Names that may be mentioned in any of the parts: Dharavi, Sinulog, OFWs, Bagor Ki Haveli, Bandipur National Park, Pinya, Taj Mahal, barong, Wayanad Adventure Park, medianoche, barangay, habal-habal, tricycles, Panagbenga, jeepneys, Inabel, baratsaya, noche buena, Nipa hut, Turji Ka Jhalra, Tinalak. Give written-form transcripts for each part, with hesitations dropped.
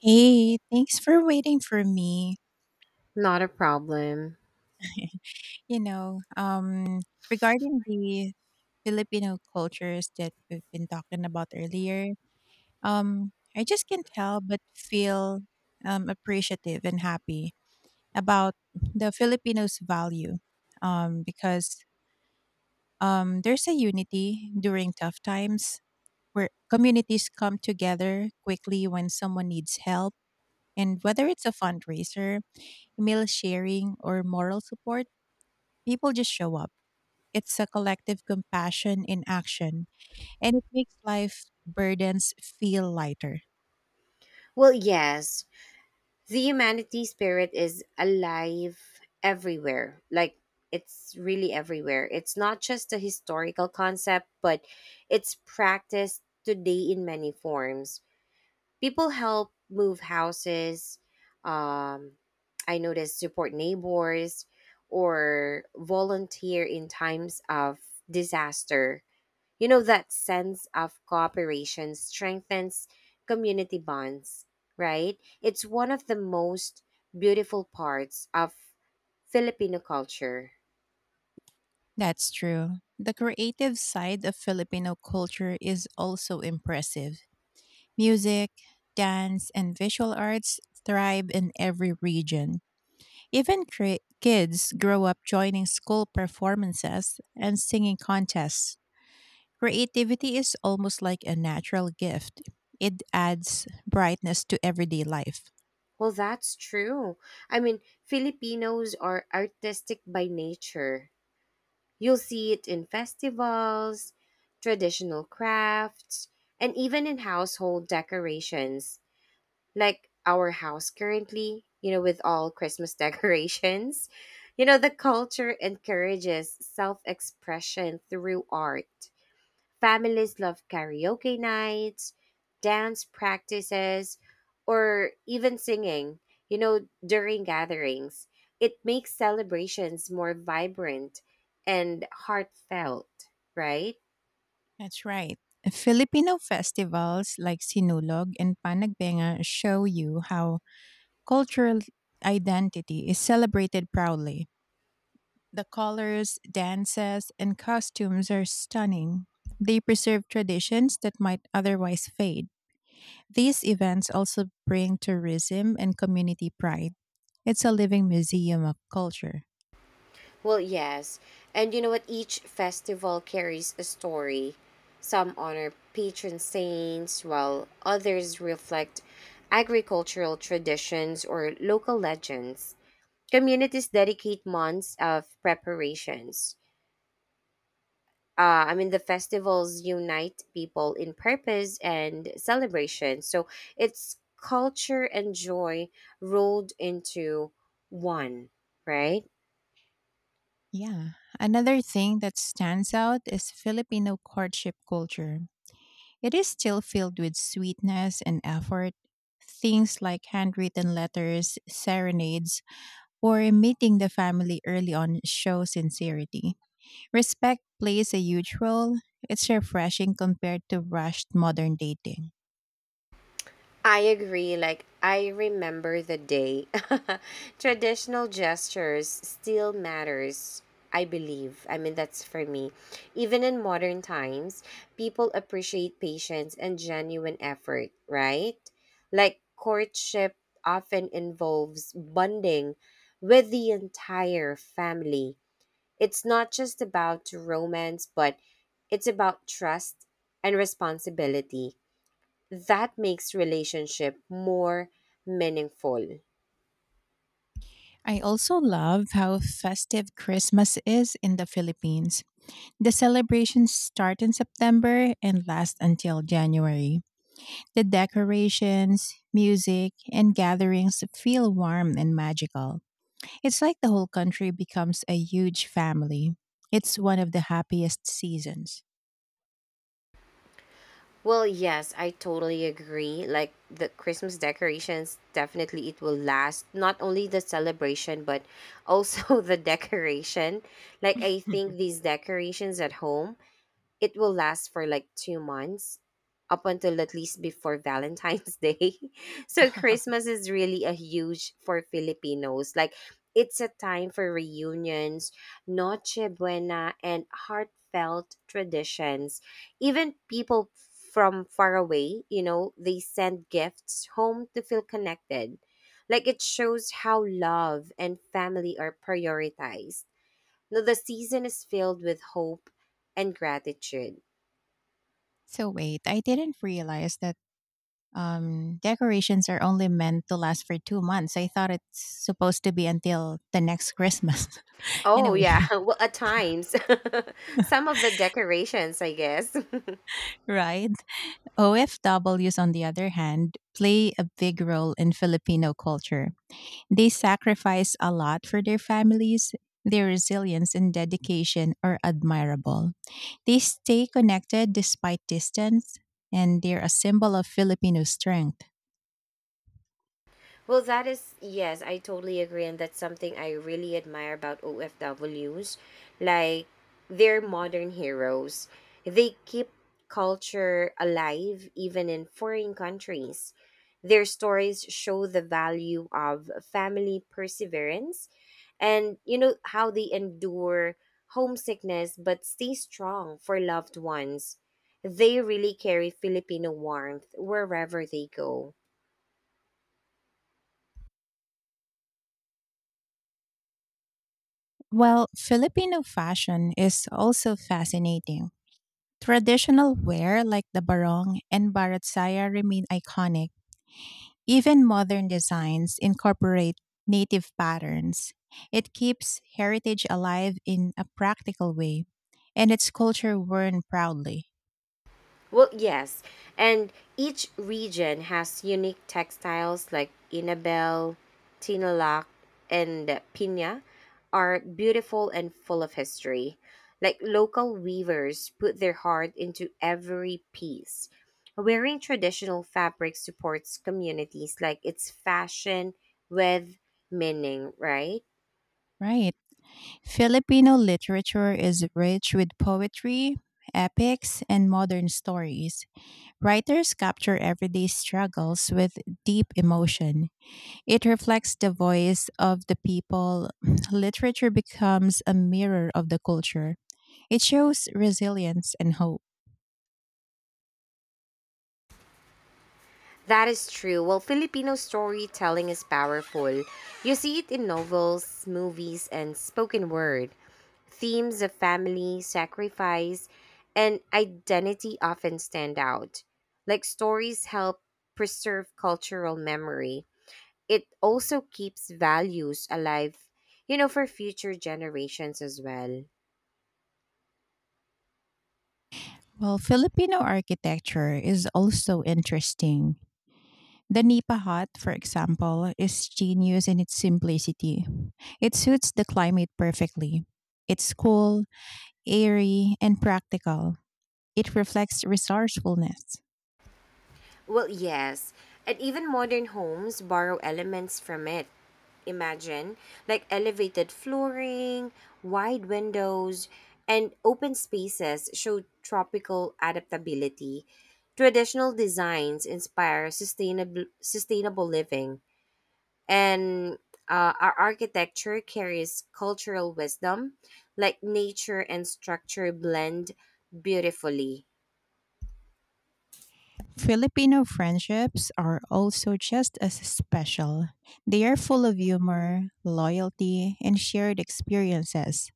Hey, thanks for waiting for me. Not a problem. You know, um, Regarding the Filipino cultures that we've been talking about earlier, I just can't help but feel appreciative and happy about the Filipinos' value because there's a unity during tough times where communities come together quickly when someone needs help. And whether it's a fundraiser, meal sharing, or moral support, people just show up. It's a collective compassion in action, and it makes life burdens feel lighter. Well, yes, the humanity spirit is alive everywhere. Like, it's really everywhere. It's not just a historical concept, but it's practiced today in many forms. People help move houses, um, I noticed support neighbors, or volunteer in times of disaster. You know, that sense of cooperation strengthens community bonds, right? It's one of the most beautiful parts of Filipino culture. That's true. The creative side of Filipino culture is also impressive. Music, dance, and visual arts thrive in every region. Even kids grow up joining school performances and singing contests. Creativity is almost like a natural gift. It adds brightness to everyday life. Well, that's true. I mean, Filipinos are artistic by nature. You'll see it in festivals, traditional crafts, and even in household decorations. Like our house currently, you know, with all Christmas decorations. You know, the culture encourages self expression through art. Families love karaoke nights, dance practices, or even singing, you know, during gatherings. It makes celebrations more vibrant and heartfelt, right? That's right. Filipino festivals like Sinulog and Panagbenga show you how cultural identity is celebrated proudly. The colors, dances, and costumes are stunning. They preserve traditions that might otherwise fade. These events also bring tourism and community pride. It's a living museum of culture. Well, yes. And you know what? Each festival carries a story. Some honor patron saints, while others reflect agricultural traditions or local legends. Communities dedicate months of preparations. I mean, the festivals unite people in purpose and celebration. So it's culture and joy rolled into one, right? Yeah. Another thing that stands out is Filipino courtship culture. It is still filled with sweetness and effort. Things like handwritten letters, serenades, or meeting the family early on show sincerity. Respect plays a huge role. It's refreshing compared to rushed modern dating. I agree. Like, I remember the day. Traditional gestures still matters, I believe. I mean, that's for me. Even in modern times, people appreciate patience and genuine effort, right? Like, courtship often involves bonding with the entire family. It's not just about romance, but it's about trust and responsibility that makes relationship more meaningful. I also love how festive Christmas is in the Philippines. The celebrations start in September and last until January. The decorations, music, and gatherings feel warm and magical. It's like the whole country becomes a huge family. It's one of the happiest seasons. Well, yes, I totally agree. Like the Christmas decorations, definitely it will last not only the celebration but also the decoration. Like I think these decorations at home it will last for like 2 months up until at least before Valentine's Day. So Christmas is really a huge for Filipinos. Like it's a time for reunions, noche buena, and heartfelt traditions. Even people from far away, you know, they send gifts home to feel connected. Like it shows how love and family are prioritized. Now the season is filled with hope and gratitude. So wait, I didn't realize that decorations are only meant to last for 2 months. I thought it's supposed to be until the next Christmas. Oh Anyway, yeah, well, at times, some of the decorations, I guess. right? OFWs, on the other hand, play a big role in Filipino culture. They sacrifice a lot for their families. Their resilience and dedication are admirable. They stay connected despite distance, and they're a symbol of Filipino strength. Well, that is, yes, I totally agree. And that's something I really admire about OFWs. Like, they're modern heroes. They keep culture alive even in foreign countries. Their stories show the value of family perseverance and, you know, how they endure homesickness but stay strong for loved ones. They really carry Filipino warmth wherever they go. Well, Filipino fashion is also fascinating. Traditional wear like the barong and baratsaya remain iconic. Even modern designs incorporate native patterns. It keeps heritage alive in a practical way, and its culture worn proudly. Well, yes. And each region has unique textiles like Inabel, Tinalak, and Pinya are beautiful and full of history. Like local weavers put their heart into every piece. Wearing traditional fabric supports communities like it's fashion with meaning, right? Right. Filipino literature is rich with poetry, epics, and modern stories. Writers capture everyday struggles with deep emotion. It reflects the voice of the people. Literature becomes a mirror of the culture. It shows resilience and hope. That is true. Well, Filipino storytelling is powerful. You see it in novels, movies, and spoken word. Themes of family, sacrifice, and identity often stand out. Like stories help preserve cultural memory, it also keeps values alive, you know, for future generations as well. Well, Filipino architecture is also interesting. The Nipa hut, for example, is genius in its simplicity. It suits the climate perfectly. It's cool, airy, and practical. It reflects resourcefulness. Well, yes. And even modern homes borrow elements from it. Imagine, like elevated flooring, wide windows, and open spaces show tropical adaptability. Traditional designs inspire sustainable living, and our architecture carries cultural wisdom, like nature and structure blend beautifully. Filipino friendships are also just as special. They are full of humor, loyalty, and shared experiences.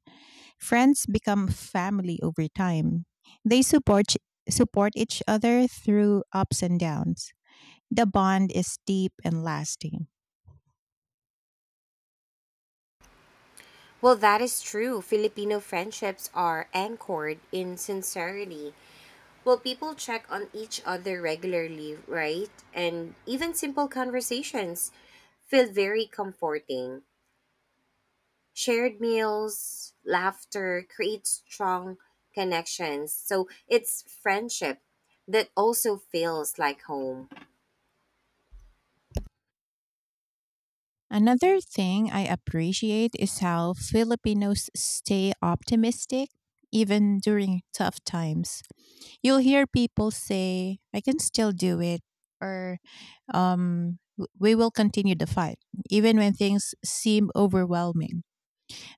Friends become family over time. They support each other through ups and downs. The bond is deep and lasting. Well, that is true. Filipino friendships are anchored in sincerity. Well, people check on each other regularly, right? And even simple conversations feel very comforting. Shared meals, laughter create strong connections. So it's friendship that also feels like home. Another thing I appreciate is how Filipinos stay optimistic even during tough times. You'll hear people say, "I can still do it," or we will continue the fight," even when things seem overwhelming.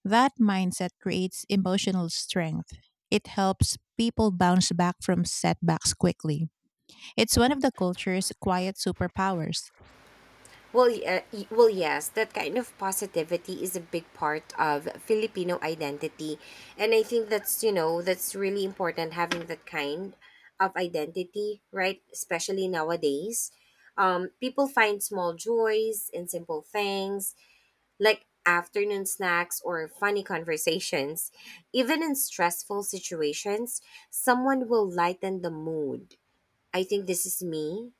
That mindset creates emotional strength. It helps people bounce back from setbacks quickly. It's one of the culture's quiet superpowers. Well, yeah. Well, yes, that kind of positivity is a big part of Filipino identity, and I think that's, you know, that's really important having that kind of identity, right? Especially nowadays, people find small joys in simple things like afternoon snacks or funny conversations. Even in stressful situations, someone will lighten the mood. I think this is me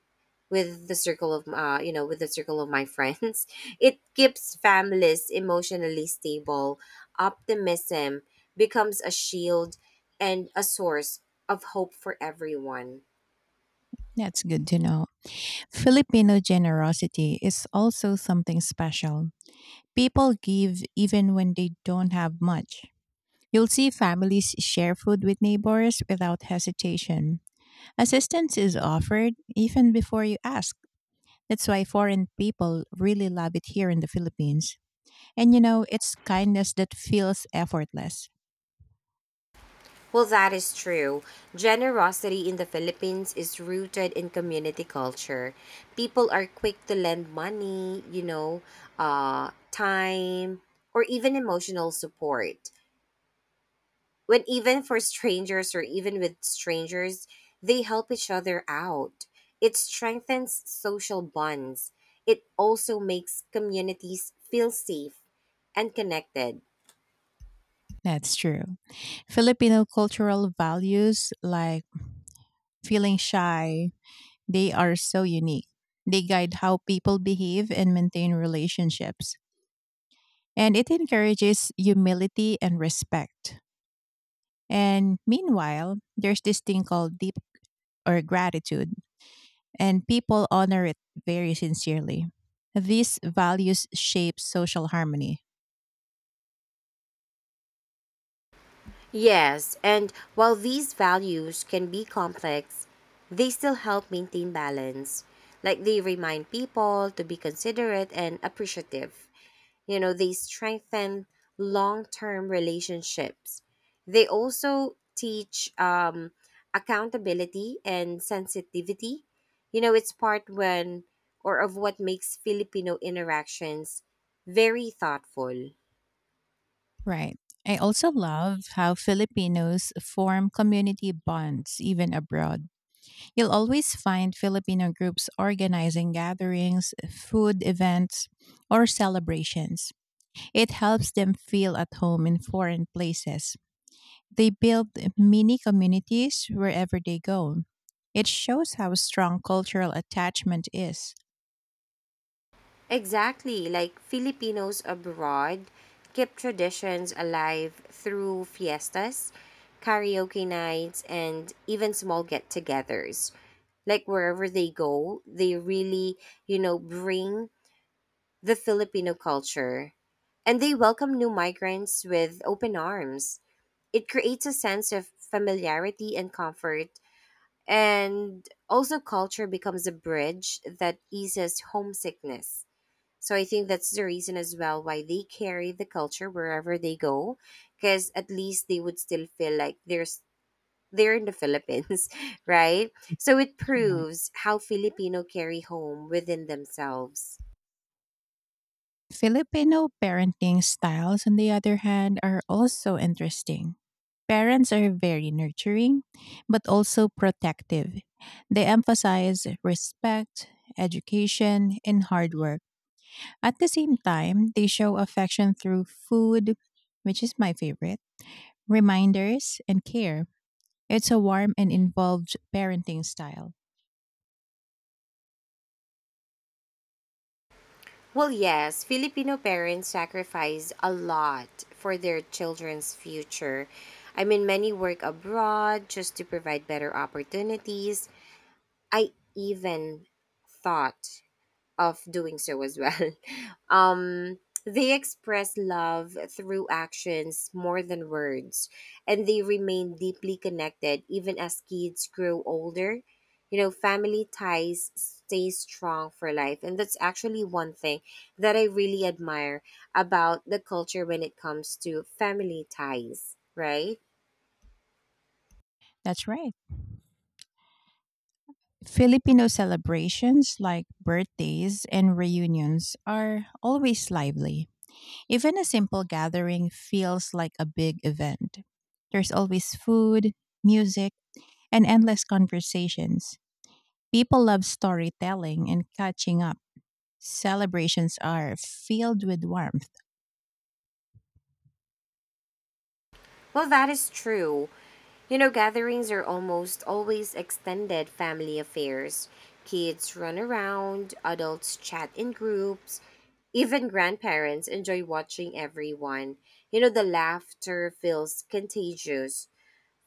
with the circle of my friends. It keeps families emotionally stable. Optimism becomes a shield and a source of hope for everyone. That's good to know. Filipino generosity is also something special. People give even when they don't have much. You'll see families share food with neighbors without hesitation. Assistance is offered even before you ask. That's why foreign people really love it here in the Philippines. And you know, it's kindness that feels effortless. Well, that is true. Generosity in the Philippines is rooted in community culture. People are quick to lend money, you know, time or even emotional support. When even for strangers or Even with strangers, they help each other out. It strengthens social bonds. It also makes communities feel safe and connected. That's true. Filipino cultural values like feeling shy, they are so unique. They guide how people behave and maintain relationships, and it encourages humility and respect. And meanwhile, there's this thing called deep or gratitude, and people honor it very sincerely. These values shape social harmony. Yes, and while these values can be complex, they still help maintain balance. Like they remind people to be considerate and appreciative. You know, they strengthen long-term relationships. They also teach accountability and sensitivity. You know, it's part when or of what makes Filipino interactions very thoughtful. Right. I also love how Filipinos form community bonds even abroad. You'll always find Filipino groups organizing gatherings, food events, or celebrations. It helps them feel at home in foreign places. They build mini communities wherever they go. It shows how strong cultural attachment is. Exactly, like Filipinos abroad keep traditions alive through fiestas, karaoke nights, and even small get togethers. Like wherever they go, they really, you know, bring the Filipino culture and they welcome new migrants with open arms. It creates a sense of familiarity and comfort, and also culture becomes a bridge that eases homesickness. So I think that's the reason as well why they carry the culture wherever they go, because at least they would still feel like there's they're in the Philippines, right? So it proves how Filipino carry home within themselves. Filipino parenting styles, on the other hand, are also interesting. Parents are very nurturing, but also protective. They emphasize respect, education, and hard work. At the same time, they show affection through food, which is my favorite, reminders, and care. It's a warm and involved parenting style. Well, yes, Filipino parents sacrifice a lot for their children's future. I mean, many work abroad just to provide better opportunities. I even thought of doing so as well. Um, they express love through actions more than words, and they remain deeply connected even as kids grow older. You know, family ties stay strong for life, and that's actually one thing that I really admire about the culture when it comes to family ties, right? That's right. Filipino celebrations like birthdays and reunions are always lively. Even a simple gathering feels like a big event. There's always food, music, and endless conversations. People love storytelling and catching up. Celebrations are filled with warmth. Well, that is true. You know, gatherings are almost always extended family affairs. Kids run around, adults chat in groups, even grandparents enjoy watching everyone. You know, the laughter feels contagious.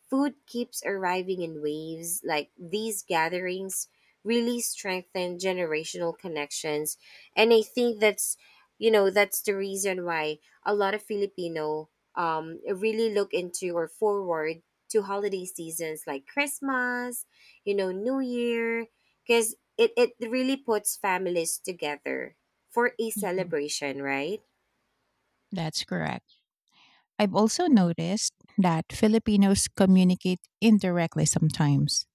Food keeps arriving in waves, like these gatherings really strengthen generational connections. And I think that's, you know, that's the reason why a lot of Filipino really look into or forward to holiday seasons like Christmas, you know, New Year, because it really puts families together for a Mhm. celebration, right? That's correct. I've also noticed that Filipinos communicate indirectly sometimes.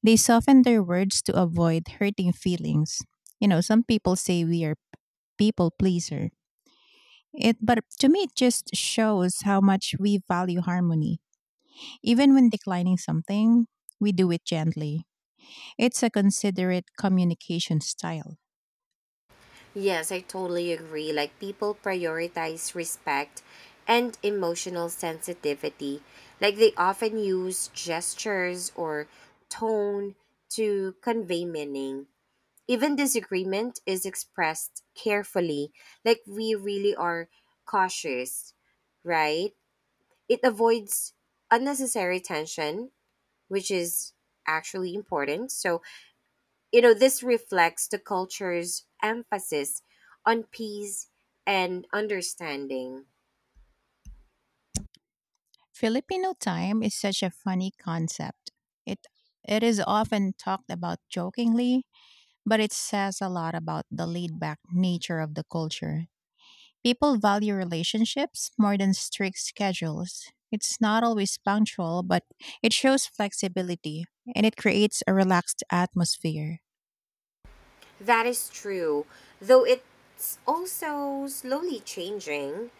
They soften their words to avoid hurting feelings. You know, some people say we are people pleaser. It but to me it just shows how much we value harmony. Even when declining something, we do it gently. It's a considerate communication style. Yes, I totally agree. Like people prioritize respect and emotional sensitivity. Like they often use gestures or tone to convey meaning. Even disagreement is expressed carefully. Like we really are cautious, right? It avoids unnecessary tension, which is actually important. So, you know, this reflects the culture's emphasis on peace and understanding. Filipino time is such a funny concept. It it is often talked about jokingly, but it says a lot about the laid back nature of the culture. People value relationships more than strict schedules. It's not always punctual, but it shows flexibility and it creates a relaxed atmosphere. That is true, though it's also slowly changing.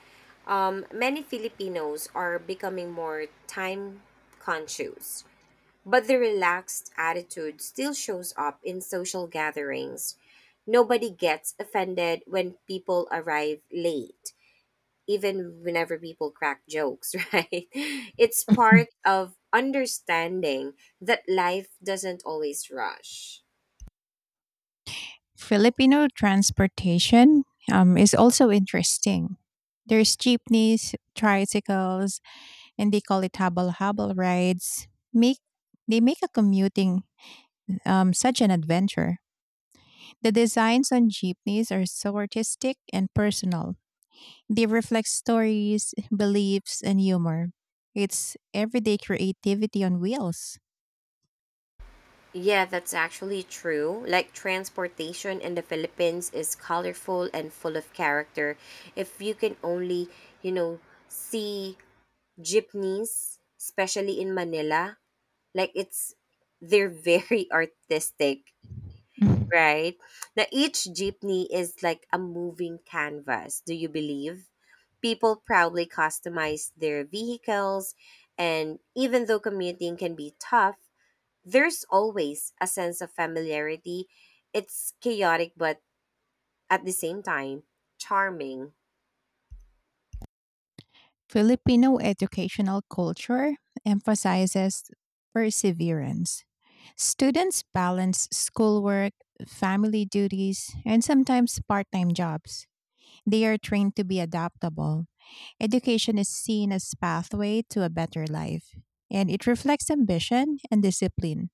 Many Filipinos are becoming more time conscious, but the relaxed attitude still shows up in social gatherings. Nobody gets offended when people arrive late even whenever people crack jokes, right? It's part of understanding that life doesn't always rush. Filipino transportation is also interesting. There's jeepneys, tricycles, and they call it habal-habal rides. Make they make a commuting such an adventure. The designs on jeepneys are so artistic and personal. They reflect stories, beliefs, and humor. It's everyday creativity on wheels. Yeah, that's actually true. Like transportation in the Philippines is colorful and full of character. If you can only, you know, see jeepneys, especially in Manila, like it's they're very artistic, Mhm. right? Now, each jeepney is like a moving canvas, do you believe? People proudly customize their vehicles, and even though commuting can be tough, there's always a sense of familiarity. It's chaotic, but at the same time, charming. Filipino educational culture emphasizes perseverance. Students balance schoolwork, family duties, and sometimes part time jobs. They are trained to be adaptable. Education is seen as pathway to a better life, and it reflects ambition and discipline.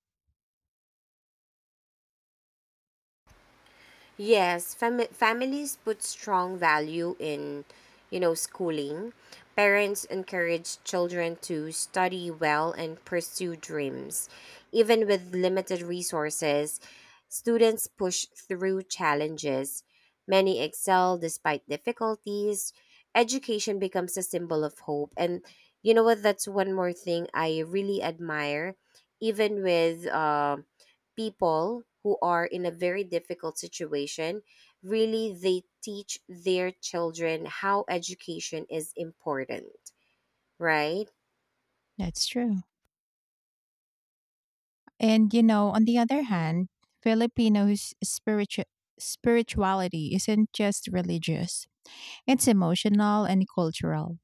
Yes, families put strong value in, you know, schooling. Parents encourage children to study well and pursue dreams. Even with limited resources, students push through challenges. Many excel despite difficulties. Education becomes a symbol of hope. And you know what? That's one more thing I really admire. Even with people who are in a very difficult situation, really they teach their children how education is important, right? That's true. And you know, on the other hand, Filipinos' spiritu- spirituality isn't just religious; it's emotional and cultural.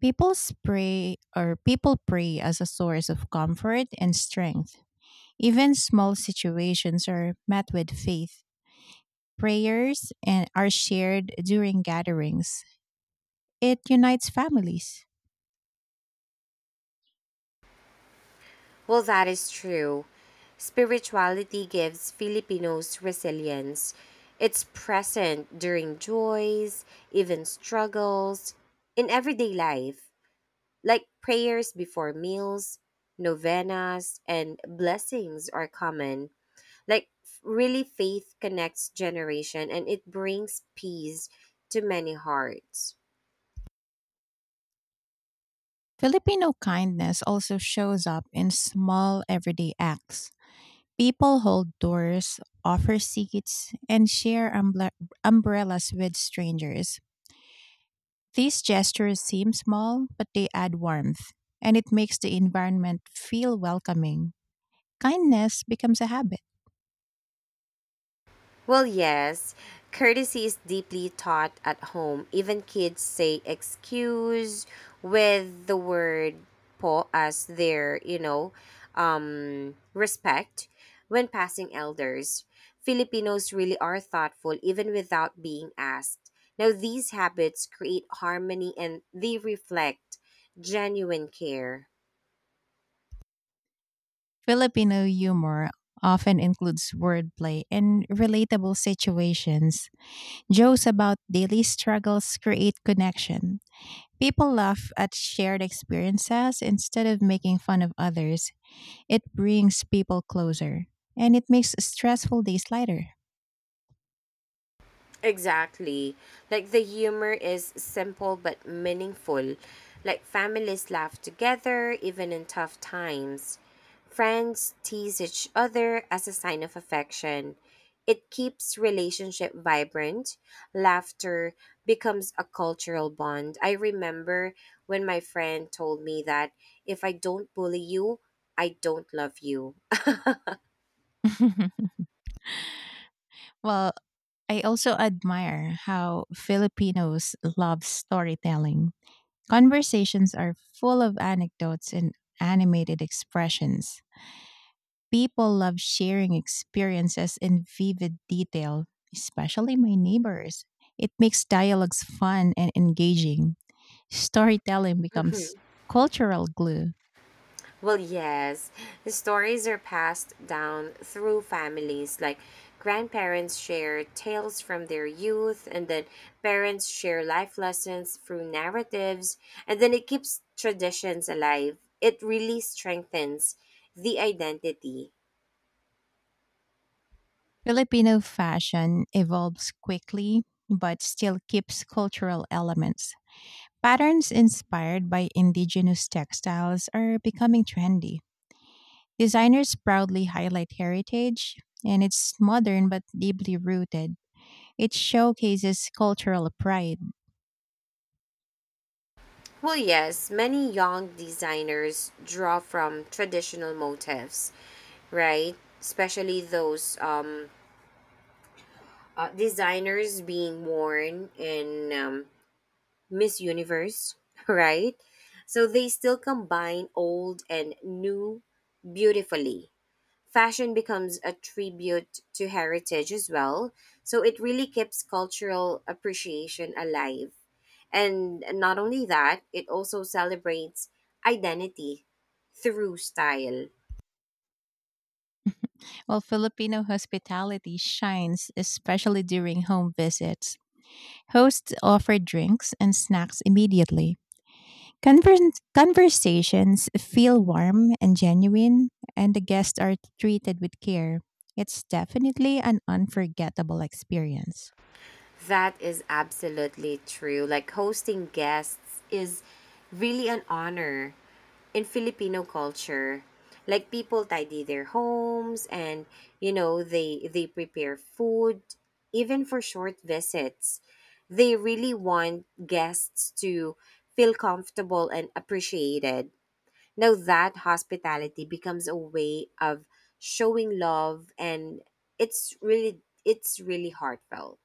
People people pray as a source of comfort and strength. Even small situations are met with faith. Prayers and are shared during gatherings. It unites families. Well, that is true. Spirituality gives Filipinos resilience. It's present during joys, even struggles in everyday life, like prayers before meals, novenas and blessings are common. Like really faith connects generation and it brings peace to many hearts. Filipino kindness also shows up in small everyday acts. People hold doors, offer seats, and share umbrellas with strangers. These gestures seem small, but they add warmth, and it makes the environment feel welcoming. Kindness becomes a habit. Well, yes, courtesy is deeply taught at home. Even kids say excuse with the word po as their, you know, respect when passing elders. Filipinos really are thoughtful even without being asked. Now, these habits create harmony and they reflect genuine care. Filipino humor often includes wordplay and relatable situations. Jokes about daily struggles create connection. People laugh at shared experiences instead of making fun of others. It brings people closer and it makes stressful days lighter. Exactly. Like the humor is simple but meaningful. Like families laugh together even in tough times. Friends tease each other as a sign of affection. It keeps relationship vibrant. Laughter becomes a cultural bond. I remember when my friend told me that if I don't bully you, I don't love you. Well, I also admire how Filipinos love storytelling. Conversations are full of anecdotes and animated expressions. People love sharing experiences in vivid detail, especially my neighbors. It makes dialogues fun and engaging. Storytelling becomes cultural glue. Well, yes, the stories are passed down through families. Like grandparents share tales from their youth, and then parents share life lessons through narratives, and then it keeps traditions alive. It really strengthens the identity. Filipino fashion evolves quickly but still keeps cultural elements. Patterns inspired by indigenous textiles are becoming trendy. Designers proudly highlight heritage, and it's modern but deeply rooted. It showcases cultural pride. Well, yes, many young designers draw from traditional motifs, right? Especially those designers being worn in Miss Universe, right? So they still combine old and new beautifully. Fashion becomes a tribute to heritage as well. So it really keeps cultural appreciation alive. And not only that, it also celebrates identity through style. While Filipino hospitality shines especially during home visits. Hosts offer drinks and snacks immediately. Conversations feel warm and genuine, and the guests are treated with care. It's definitely an unforgettable experience. That is absolutely true. Like hosting guests is really an honor in Filipino culture. Like people tidy their homes and, you know, they prepare food even for short visits. They really want guests to feel comfortable and appreciated. Now that hospitality becomes a way of showing love and it's really heartfelt.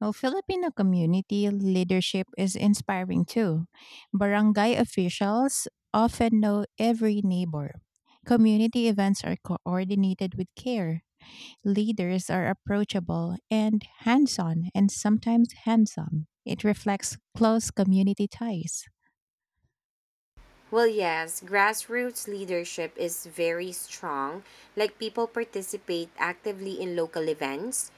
Well, Filipino community leadership is inspiring too. Barangay officials often know every neighbor. Community events are coordinated with care. Leaders are approachable and hands on and sometimes handsome. It reflects close community ties. Well, yes, grassroots leadership is very strong. Like people participate actively in local events.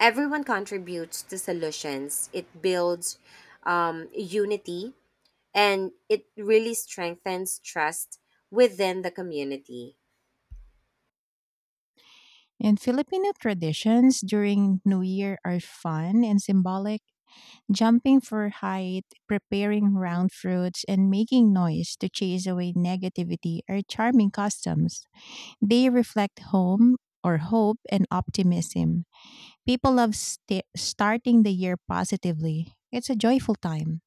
Everyone contributes to solutions. It builds unity and it really strengthens trust within the community. And Filipino traditions during New Year are fun and symbolic. Jumping for height, preparing round fruits, and making noise to chase away negativity are charming customs. They reflect home or hope and optimism. People love starting the year positively. It's a joyful time.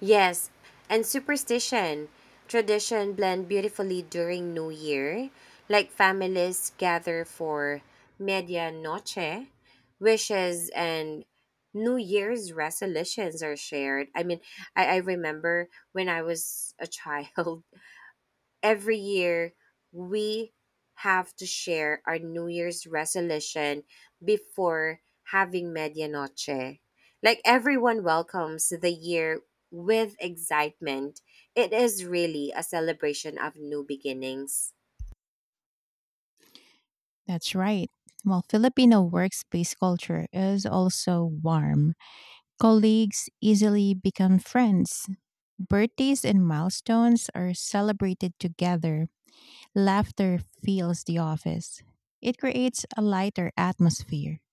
Yes, and superstition. Tradition blend beautifully during New Year, like families gather for medianoche, wishes and New Year's resolutions are shared. I mean, I remember when I was a child, every year we have to share our New Year's resolution before having medianoche. Like everyone welcomes the year with excitement. It is really a celebration of new beginnings. That's right. Well, Filipino workspace culture is also warm. Colleagues easily become friends. Birthdays and milestones are celebrated together. Laughter fills the office. It creates a lighter atmosphere.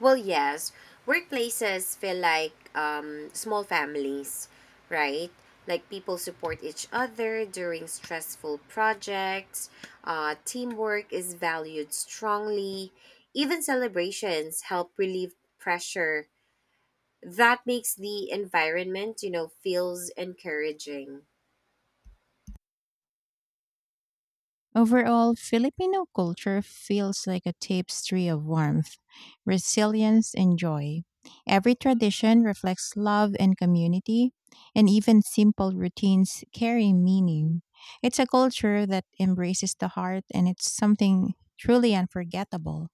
Well, yes, workplaces feel like small families, right? Like people support each other during stressful projects. Teamwork is valued strongly. Even celebrations help relieve pressure. That makes the environment, you know, feels encouraging. Overall, Filipino culture feels like a tapestry of warmth, resilience, and joy. Every tradition reflects love and community, and even simple routines carry meaning. It's a culture that embraces the heart, and it's something truly unforgettable.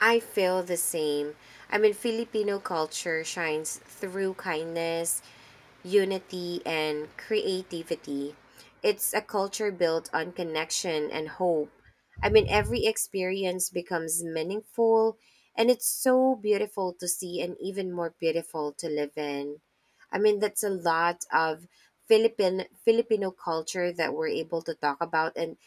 I feel the same. I mean, Filipino culture shines through kindness, unity, and creativity. It's a culture built on connection and hope. I mean, every experience becomes meaningful, and it's so beautiful to see and even more beautiful to live in. I mean, that's a lot of Philippine Filipino culture that we're able to talk about, and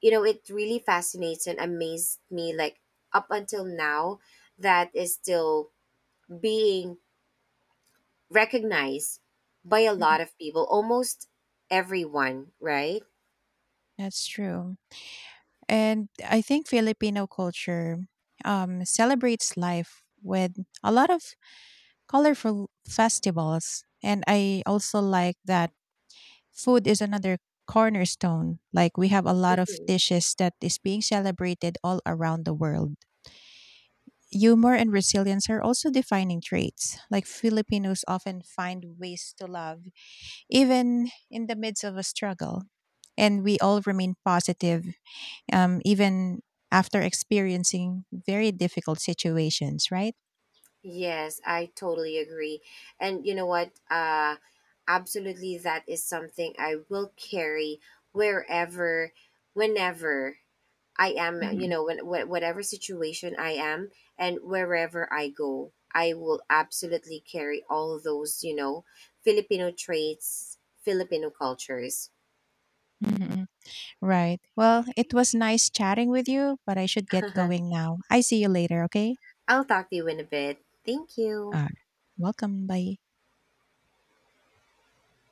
you know it really fascinates and amazed me, like up until now that is still being recognized by a Mhm. lot of people, almost everyone, right? That's true. And I think Filipino culture celebrates life with a lot of colorful festivals. And I also like that food is another cornerstone. Like we have a lot of Mhm. dishes that is being celebrated all around the world. Humor and resilience are also defining traits. Like Filipinos often find ways to love, even in the midst of a struggle. And we all remain positive, even after experiencing very difficult situations, right? Yes, I totally agree. And you know what? Absolutely, that is something I will carry wherever, whenever I am, you Mhm, know, when whatever situation I am, and wherever I go, I will absolutely carry all those, you know, Filipino traits, Filipino cultures. mhm. Right. Well, it was nice chatting with you, but I should get going now. I see you later, okay? I'll talk to you in a bit. Thank you. Uh, Welcome. Bye.